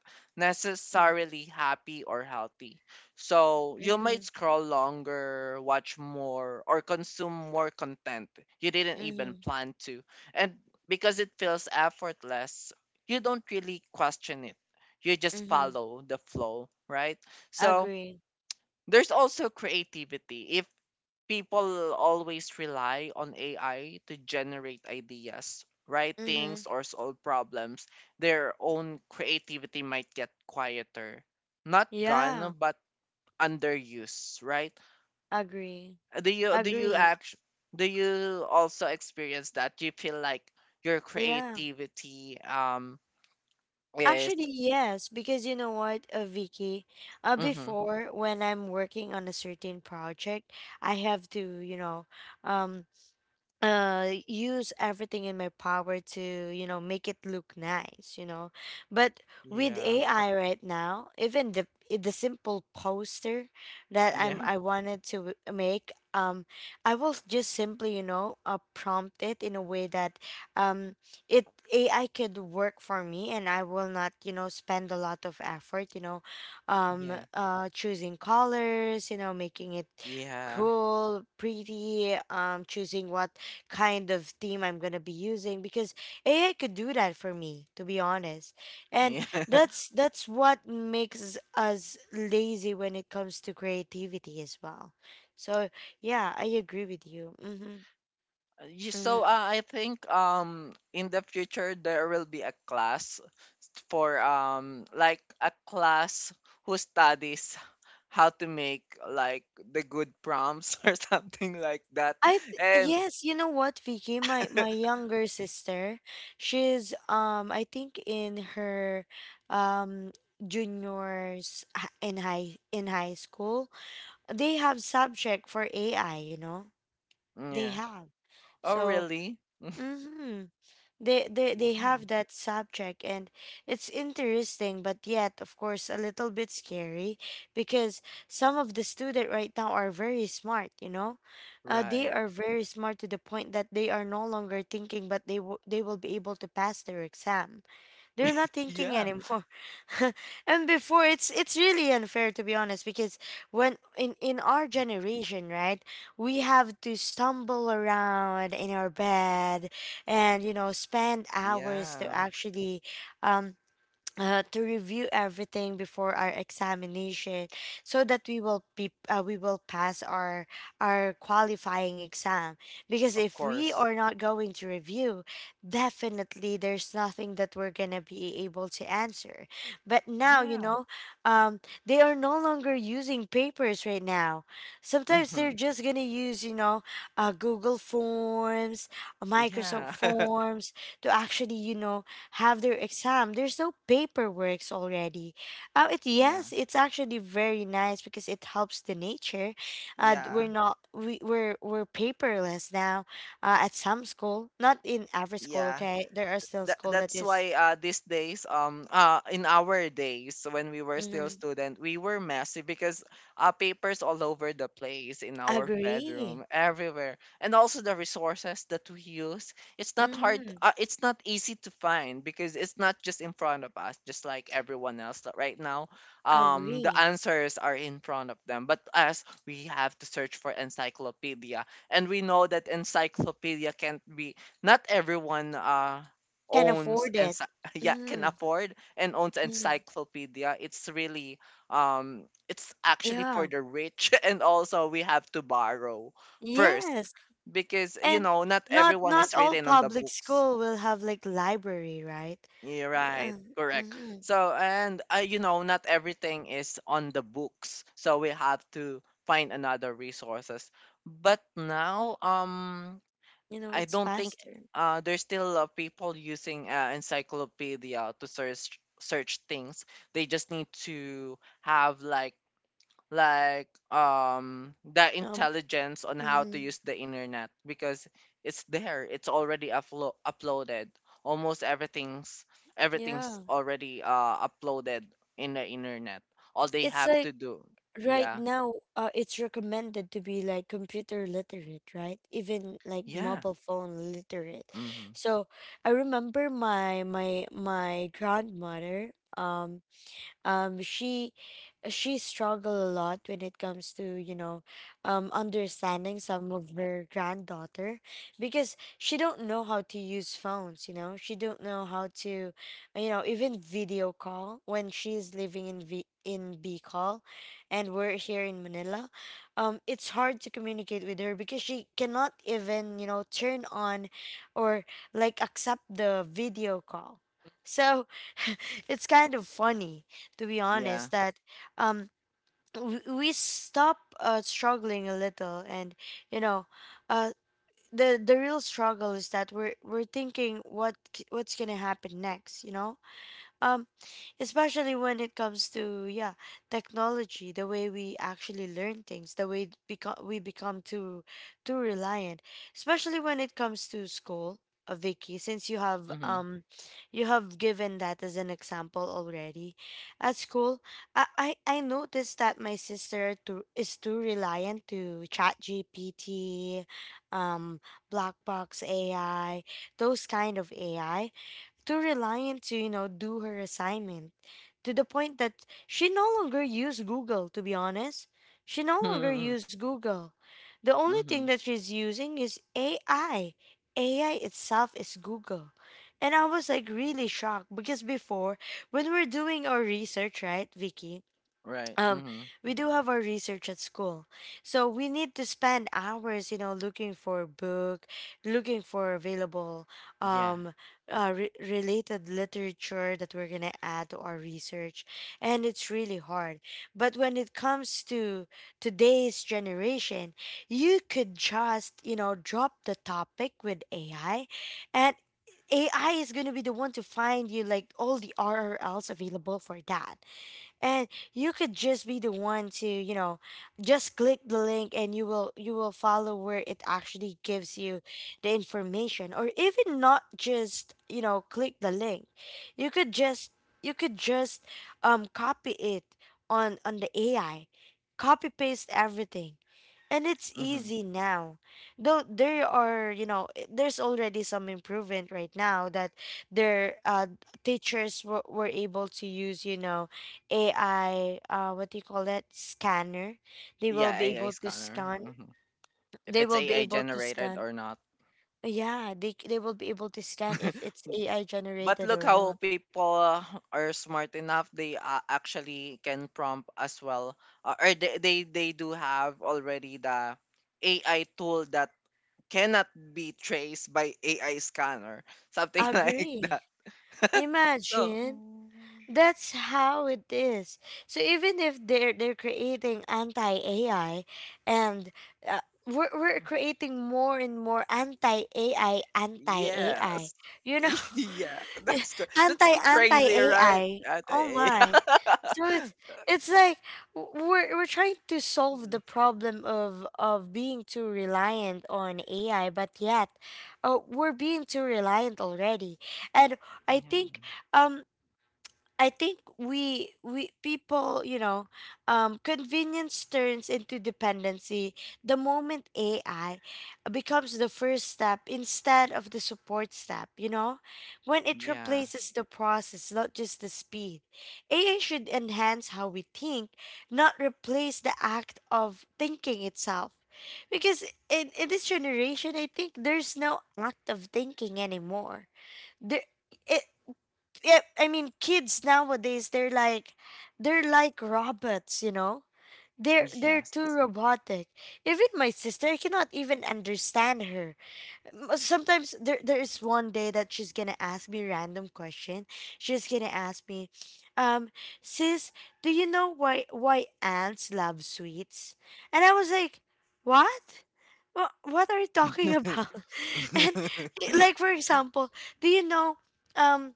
Mm-hmm. necessarily happy or healthy. So you might Mm-hmm. scroll longer, watch more, or consume more content you didn't even plan to. And because it feels effortless, you don't really question it. You just Mm-hmm. follow the flow, right? So Agree. there's also creativity. If people always rely on AI to generate ideas, write Mm-hmm. things, or solve problems, their own creativity might get quieter. Not Yeah, gone, but underused, right? agree. Do you do you Agree. act do you also experience that? Do you feel like your Yeah. creativity is... Actually, yes, because you know what, Vicky, Mm-hmm, before, when I'm working on a certain project, I have to, you know, um, use everything in my power to, you know, make it look nice, you know. But with yeah. AI right now, even the simple poster that Yeah. I wanted to make, I will just simply, you know, prompt it in a way that um it AI could work for me, and I will not, you know, spend a lot of effort, you know, Yeah. Choosing colors, you know, making it Yeah. cool, pretty, choosing what kind of theme I'm going to be using, because AI could do that for me, to be honest. And Yeah. That's what makes us lazy when it comes to creativity as well. So, yeah, I agree with you. Mhm. You... so Mhm. I think in the future there will be a class for like a class who studies how to make like the good prompts or something like that. And yes, you know what, Vicky, my younger sister, she's I think in her um juniors, in high school, they have subject for AI, you know. They yeah. have. Oh, So, really? hmm, they Wow. have that subject, and it's interesting, but yet, of course, a little bit scary because some of the students right now are very smart. You know, they Right. are very smart to the point that they are no longer thinking, but they will be able to pass their exam. They're not thinking Yeah. anymore. And before, it's really unfair, to be honest, because when in our generation, right? We have to stumble around in our bed and, you know, spend hours to Yeah. actually um to review everything before our examination, so that we will be we will pass our qualifying exam, because Of if we course. are not going to review, definitely there's nothing that we're going to be able to answer. But now, you Yeah. know, um, they are no longer using papers right now. Sometimes hmm they're just going to use, you know, google forms, microsoft Yeah. forms to actually, you know, have their exam. There's no paperworks already. It yeah. Yeah. yes, it's actually very nice because it helps the nature. We're Yeah. not we're paperless now. At some school, not in every school. Yeah. Okay, there are still that school that that's is why these days, in our days, when we were still mm-hmm. student, we were messy because papers all over the place in our bedroom, Agree. everywhere. And also the resources that we use, it's not hard, Mm-hmm. It's not easy to find, because it's not just in front of us just like everyone else that right now, the Agree. answers are in front of them. But us, we have to search for encyclopedia. And we know that encyclopedia can't be, not everyone Can owns, afford and it. yeah, can Mm-hmm. afford and owns Mm-hmm. encyclopedia. It's really it's actually for Yeah. the rich. And also we have to borrow first, Yes. because you And know, not not everyone is all written on the public books. school will have like library, right? You're right, Uh, correct. Mm-hmm. So, and you know, not everything is on the books, so we have to find another resources. But now, um, You know, I it's don't think faster. There's still people using encyclopedia to search things. They just need to have like, the Um, intelligence on how to mhm, use the internet, because it's there. It's already uploaded. Almost everything's Everything's yeah. already uploaded in the internet. All they It's have to like do, right yeah, now, it's recommended to be like computer literate, right? Even like yeah, mobile phone literate. mm-hmm. So I remember my grandmother. Um, she struggled a lot when it comes to, you know, understanding some of her granddaughter, because she don't know how to use phones, you know. She don't know how to, you know, even video call. When she's living in v in Bicol and we're here in Manila, it's hard to communicate with her because she cannot even, you know, turn on or like accept the video call. So it's kind of funny, to be yeah, honest, that um we stop struggling a little. And you know, uh the real struggle is that we're thinking what what's gonna happen next, you know? um especially when it comes to, yeah, technology, the way we actually learn things, the way become we become too reliant, especially when it comes to school. Uh, Vicky, since mm-hmm. You have given that as an example already, at school, I noticed that my sister too, is too reliant to chat GPT, um black box AI, those kind of AI, too reliant to, you know, do her assignment, to the point that she no longer used Google, to be honest. She no longer mm-hmm. used Google. The only thing that she's using is AI. AI itself is Google. And I was like really shocked because before, when we're doing our research, right, Vicky? Right. um, Mm-hmm. we do have our research at school, so we need to spend hours, you know, looking for a book, looking for available Yeah. um, related literature that we're gonna add to our research, and it's really hard. But when it comes to today's generation, you could just, you know, drop the topic with AI, and AI is going to be the one to find you like all the RRLs available for that. And you could just be the one to, you know, just click the link, and you will follow where it actually gives you the information. Or even not just, you know, click the link, you could just you could just copy it on the AI, copy paste everything, and it's Mm-hmm. easy now. Though there are, you know, there's already some improvement right now that their teachers were able to use, you know, AI, what do you call that? Scanner. They will Yeah, be AI able to scanner. scan. Hmm If They it's will be AI able to generated scan. or not. Yeah, they will be able to scan if it's AI But generated look or how not. people are smart enough. They actually can prompt as well, or they do have already the AI tool that cannot be traced by AI scanner, something like Agree. that. so Imagine. That's how it is. So even if they're creating anti AI, and uh, we're creating more and more anti AI, anti AI, yes. you know. Yeah, Yeah, that's good. That's anti so anti crazy, right, AI. Oh Ate? my. So it's like we're trying to solve the problem of being too reliant on AI, but yet, we're being too reliant already. And I Yeah. think um I think we people, convenience turns into dependency the moment AI becomes the first step instead of the support step, you know? When it Yeah. replaces the process, not just the speed. AI should enhance how we think, not replace the act of thinking itself. Because in this generation, I think there's no act of thinking anymore. There, yeah, I mean, kids nowadays they're like robots, you know. They're Yes. too robotic. Even my sister, I cannot even understand her. Sometimes there is one day that she's gonna ask me random question. She's gonna ask me, um, sis, do you know why ants love sweets? And I was like, what? What are you talking about? And like for example, do you know, um?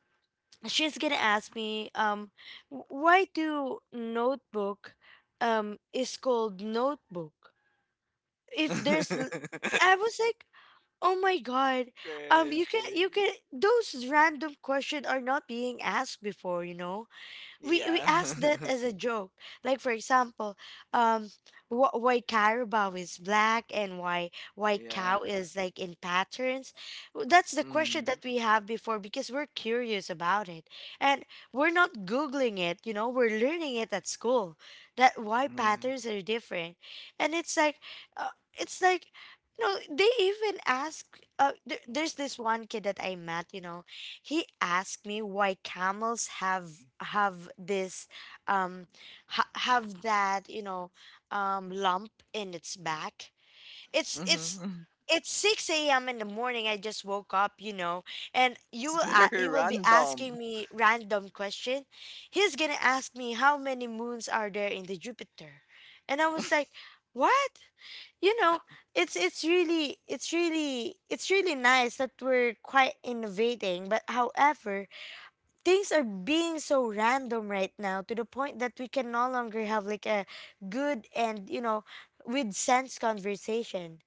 she's gonna ask me Why do notebook is called notebook if there's I was like, oh my god. You can Crazy. Those random questions are not being asked before, you know. We Yeah. asked that as a joke. Like for example, um, why carabao is black and why cow Yeah. is like in patterns. That's the question Mm. that we have before because we're curious about it, and we're not googling it. You know, we're learning it at school. That why Yeah. patterns are different, and it's like, uh, it's like. No, they even ask. There's this one kid that I met, you know, he asked me why camels have have this um have that, you know, lump in its back. it's it's Mm-hmm. it's 6 a.m in the morning. I just woke up, you know, and you It's will very you will be random. asking me random question. He's gonna ask me, how many moons are there in the jupiter? And I was like, what? You know, it's really nice that we're quite innovating, but however, things are being so random right now to the point that we can no longer have like a good and, you know, with sense conversation.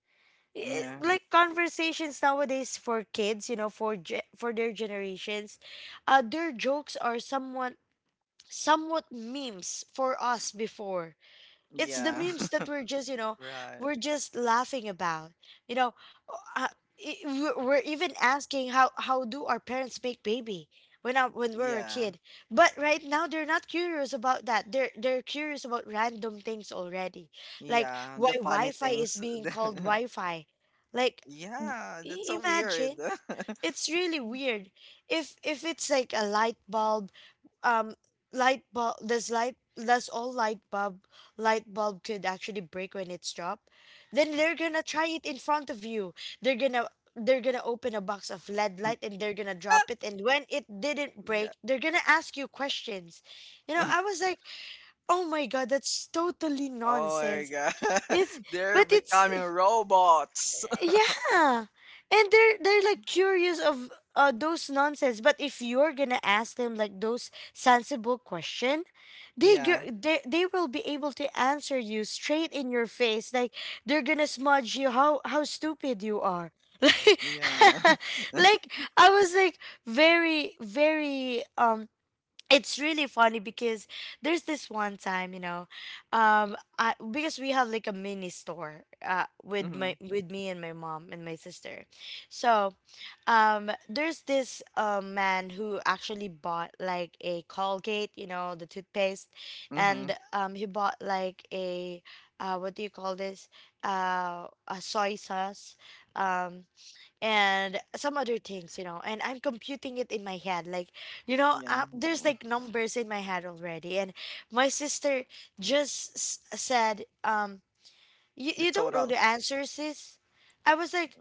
I- Yeah. Like conversations nowadays for kids, you know, for their generations, their jokes are somewhat somewhat memes for us before. It's the Yeah. memes that we're just, you know, Right. we're just laughing about, you know. uh, we're even asking how do our parents make baby when we were a Yeah. kid. But right now they're not curious about that. They're curious about random things already, like Yeah. why The funny wi-fi is things. being called The... wi-fi. Like, yeah. That's so weird. imagine. It's really weird. If it's like a light bulb, um light bulb, this light this all light bulb could actually break when it's dropped, then they're gonna try it in front of you. they're gonna they're gonna open a box of lead light and they're gonna drop it, and when it didn't yeah. break, they're gonna ask you questions. You know, I was like, oh my god, that's totally Oh my nonsense. god. It's They're but it's becoming robots. Yeah. And they're like curious of those nonsense. But if you're gonna ask them like those sensible question, they yeah. gr- they they will be able to answer you straight in your face. Like, they're gonna smudge you how stupid you are. Yeah. Like, like I was like, very very it's really funny because there's this one time, you know. I Because we have like a mini store with my Mhm, with me and my mom and my sister. So, there's this man who actually bought like a colgate, you know, the toothpaste. And mhm, he bought like a what do you call this a soy sauce, um and some other things, you know, and I'm computing it in my head. Like, yeah, there's mm, like numbers in my head already. And my sister said, you, the don't know total. the answer, sis. I was like,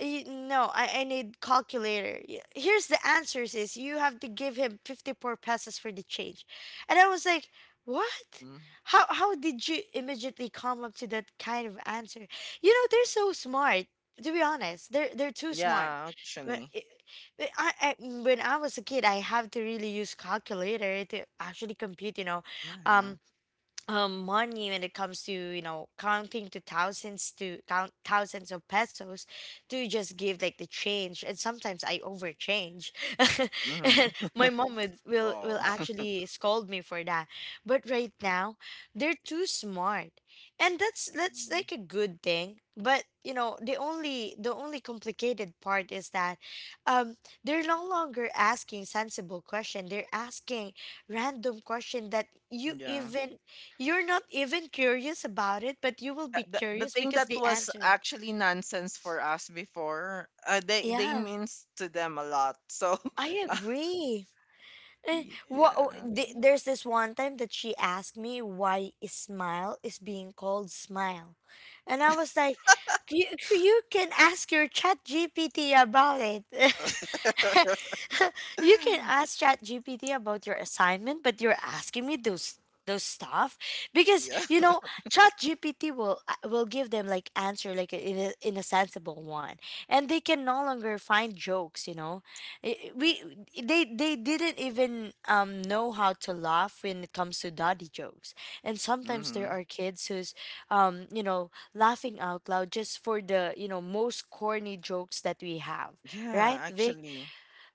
No, I need calculator. Here's the answers is you have to give him 54 pesos for the change. And I was like, what? Mhm. How did you immediately come up to that kind of answer? You know, they're so smart. To be honest, they're too smart. Yeah, But actually, it, but I when I was a kid, I have to really use calculator to actually compute. You know, yeah. um, money when it comes to, you know, counting to thousands to thousands of pesos to just give like the change, and sometimes I overchange. Mhm. And my mom would, will Wow. actually scold me for that. But right now they're too smart, and that's Mm, like a good thing, but you know, the only complicated part is that, um they're no longer asking sensible question. They're asking random question that you yeah. even, you're not even curious about it, but you will be the curious thing because that the was answer. actually nonsense for us before, they Yeah, means to them a lot. So, I agree. Yeah. There's this one time that she asked me, why is Smile is being called Smile. And I was like, you can ask your chat GPT about it. You can ask ChatGPT about your assignment, but you're asking me those stuff, because yeah. you know, ChatGPT will give them like answer like in a sensible one, and they can no longer find jokes. You know, I- we Yeah. They didn't even know how to laugh when it comes to daddy jokes, and sometimes there Mhm. are kids who's you know, laughing out loud just for the, you know, most corny jokes that we have, right, Yeah, Vic? actually.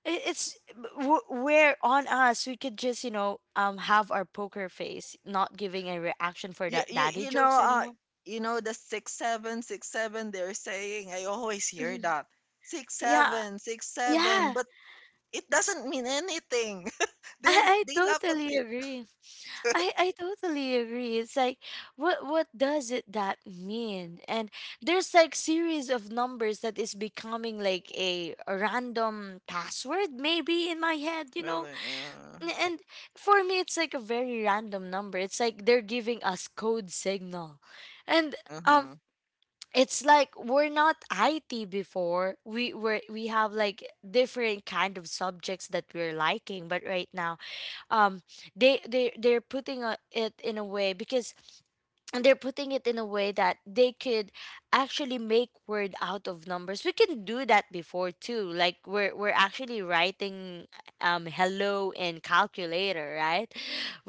It's we're on us. We could just, you know, have our poker face, not giving a reaction for that daddy You know, jokes anymore. you know the 6 7, 6 7. They're saying, I always hear Mhm. that six Yeah, seven, 6 7, yeah. but it doesn't mean anything. They're, I they laugh at totally it. agree. I totally agree. It's like, what does it that mean? And there's like series of numbers that is becoming like a random password maybe in my head, you know? Really? And for me, it's like a very random number. It's like they're giving us code signal, and, um, Uh-huh. it's like we're not IT before. We were we have like different kind of subjects that we're liking, but right now, um, they're putting it in a way, because and they're putting it in a way that they could actually make word out of numbers. We can do that before too. Like, we're actually writing hello in calculator, right?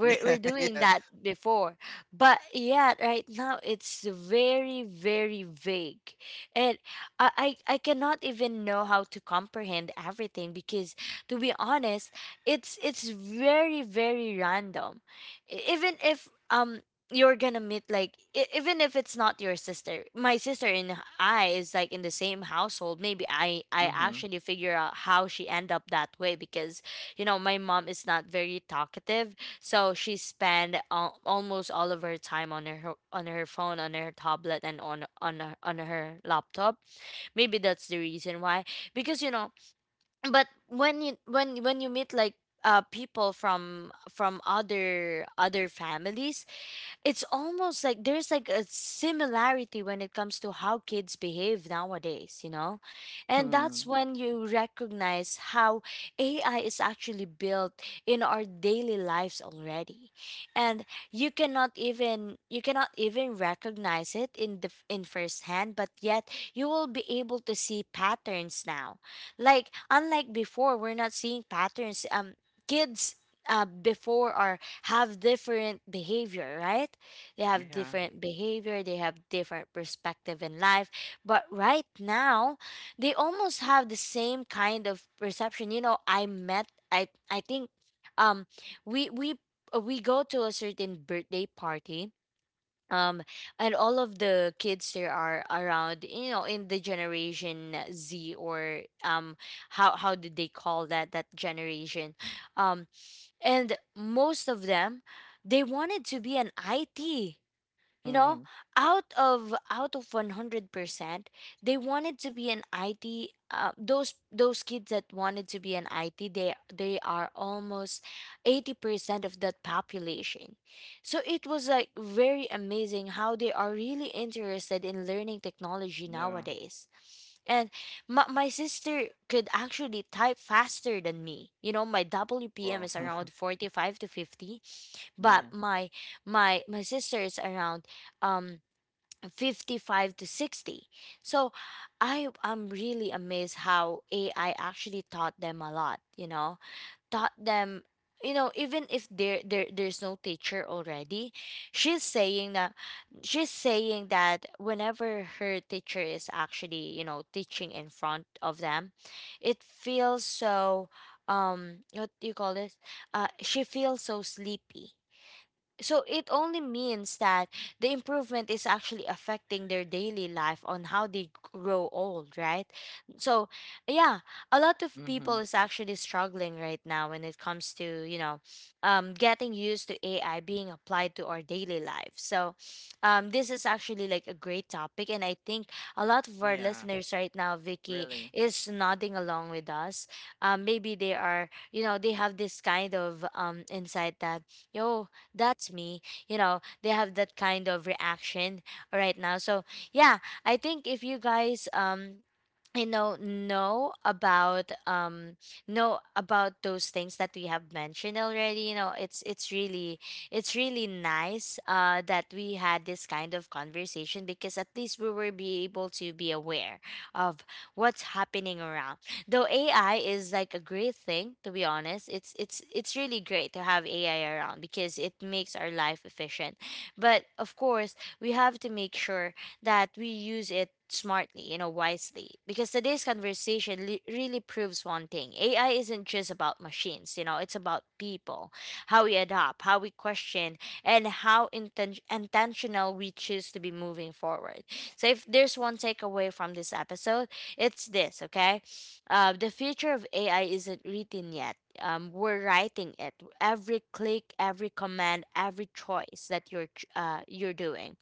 Yeah. we're doing Yeah. that before. But yeah, right now it's very very vague. And I cannot even know how to comprehend everything, because to be honest, it's very very random. Even if you're gonna meet like, even if it's not your sister, my sister and I is like in the same household. Maybe i Mm-hmm. actually figure out how she end up that way, because you know, my mom is not very talkative. So she spend almost all of her time on her phone, on her tablet, and on her laptop. Maybe that's the reason why. Because you know, but when you when you meet like people from other other families, it's almost like there's like a similarity when it comes to how kids behave nowadays, you know? And Hmm. that's when you recognize how AI is actually built in our daily lives already. And you cannot even recognize it in in first hand, but yet you will be able to see patterns now. Like, unlike before, we're not seeing patterns. Kids before are have different behavior, right? They have Yeah. different behavior, they have different perspective in life. But right now, they almost have the same kind of perception. You know, I met I think, um we we we go to a certain birthday party, um and all of the kids there are around, you know, in the generation z, or how did they call that that generation, um and most of them, they wanted to be an it, you Hmm. know. Out of 100%, they wanted to be an IT. Those kids that wanted to be an IT, they are almost 80% of that population. So it was like very amazing how they are really interested in learning technology Yeah. nowadays. And my sister could actually type faster than me. You know, my Well. WPM is around 45 to 50, but yeah. my sister is around um 55 to 60. So I'm really amazed how ai actually taught them a lot, you know, taught them. You know, even if there there's no teacher already, she's saying that whenever her teacher is actually, you know, teaching in front of them, it feels so, what do you call this she feels so sleepy. So it only means that the improvement is actually affecting their daily life on how they grow old, right? So yeah, a lot of Mm-hmm. people is actually struggling right now when it comes to, you know, getting used to ai being applied to our daily life. So this is actually like a great topic, and I think a lot of Yeah. our listeners right now, Really. vicky is nodding along with us. Maybe they are, you know, they have this kind of insight that, yo that's me. You know, they have that kind of reaction right now. So yeah, I think if you guys know about, know about those things that we have mentioned already. You know, it's really nice that we had this kind of conversation, because at least we will be able to be aware of what's happening around. Though ai is like a great thing, to be honest, it's really great to have ai around because it makes our life efficient. But of course we have to make sure that we use it smartly, you know, wisely. Because today's conversation really proves one thing. AI isn't just about machines, you know, it's about people, how we adapt, how we question, and how intentional we choose to be moving forward. So, if there's one takeaway from this episode, it's this, okay? The future of AI isn't written yet. We're writing it. Every click, every command, every choice that you're you're doing.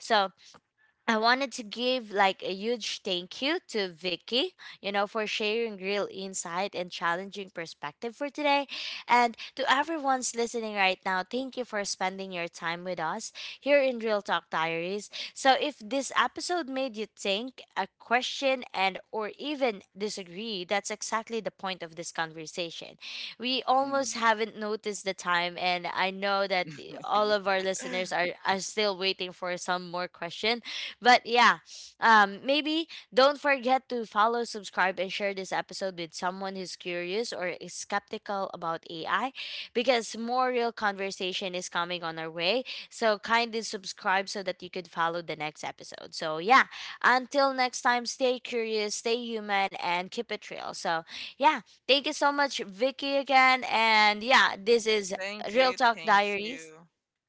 So I wanted to give like a huge thank you to Vicky, you know, for sharing real insight and challenging perspective for today. And to everyone's listening right now, thank you for spending your time with us here in Real Talk Diaries. So if this episode made you think, a question and or even disagree, that's exactly the point of this conversation. We almost Mm. haven't noticed the time, and I know that yeah. all of our listeners are still waiting for some more question. But yeah, maybe don't forget to follow, subscribe, and share this episode with someone who's curious or is skeptical about AI, because more real conversation is coming on our way. So kindly subscribe so that you could follow the next episode. So yeah, until next time, stay curious, stay human, and keep it real. So yeah, thank you so much, Vicky, again. And yeah, this is Thank you. Real Talk Thank Diaries. you.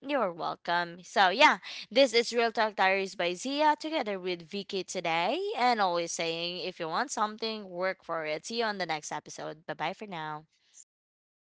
You're welcome. So, yeah, this is Real Talk Diaries by Zia together with Vicky today, and always saying, if you want something, work for it. See you on the next episode. Bye bye for now. See you.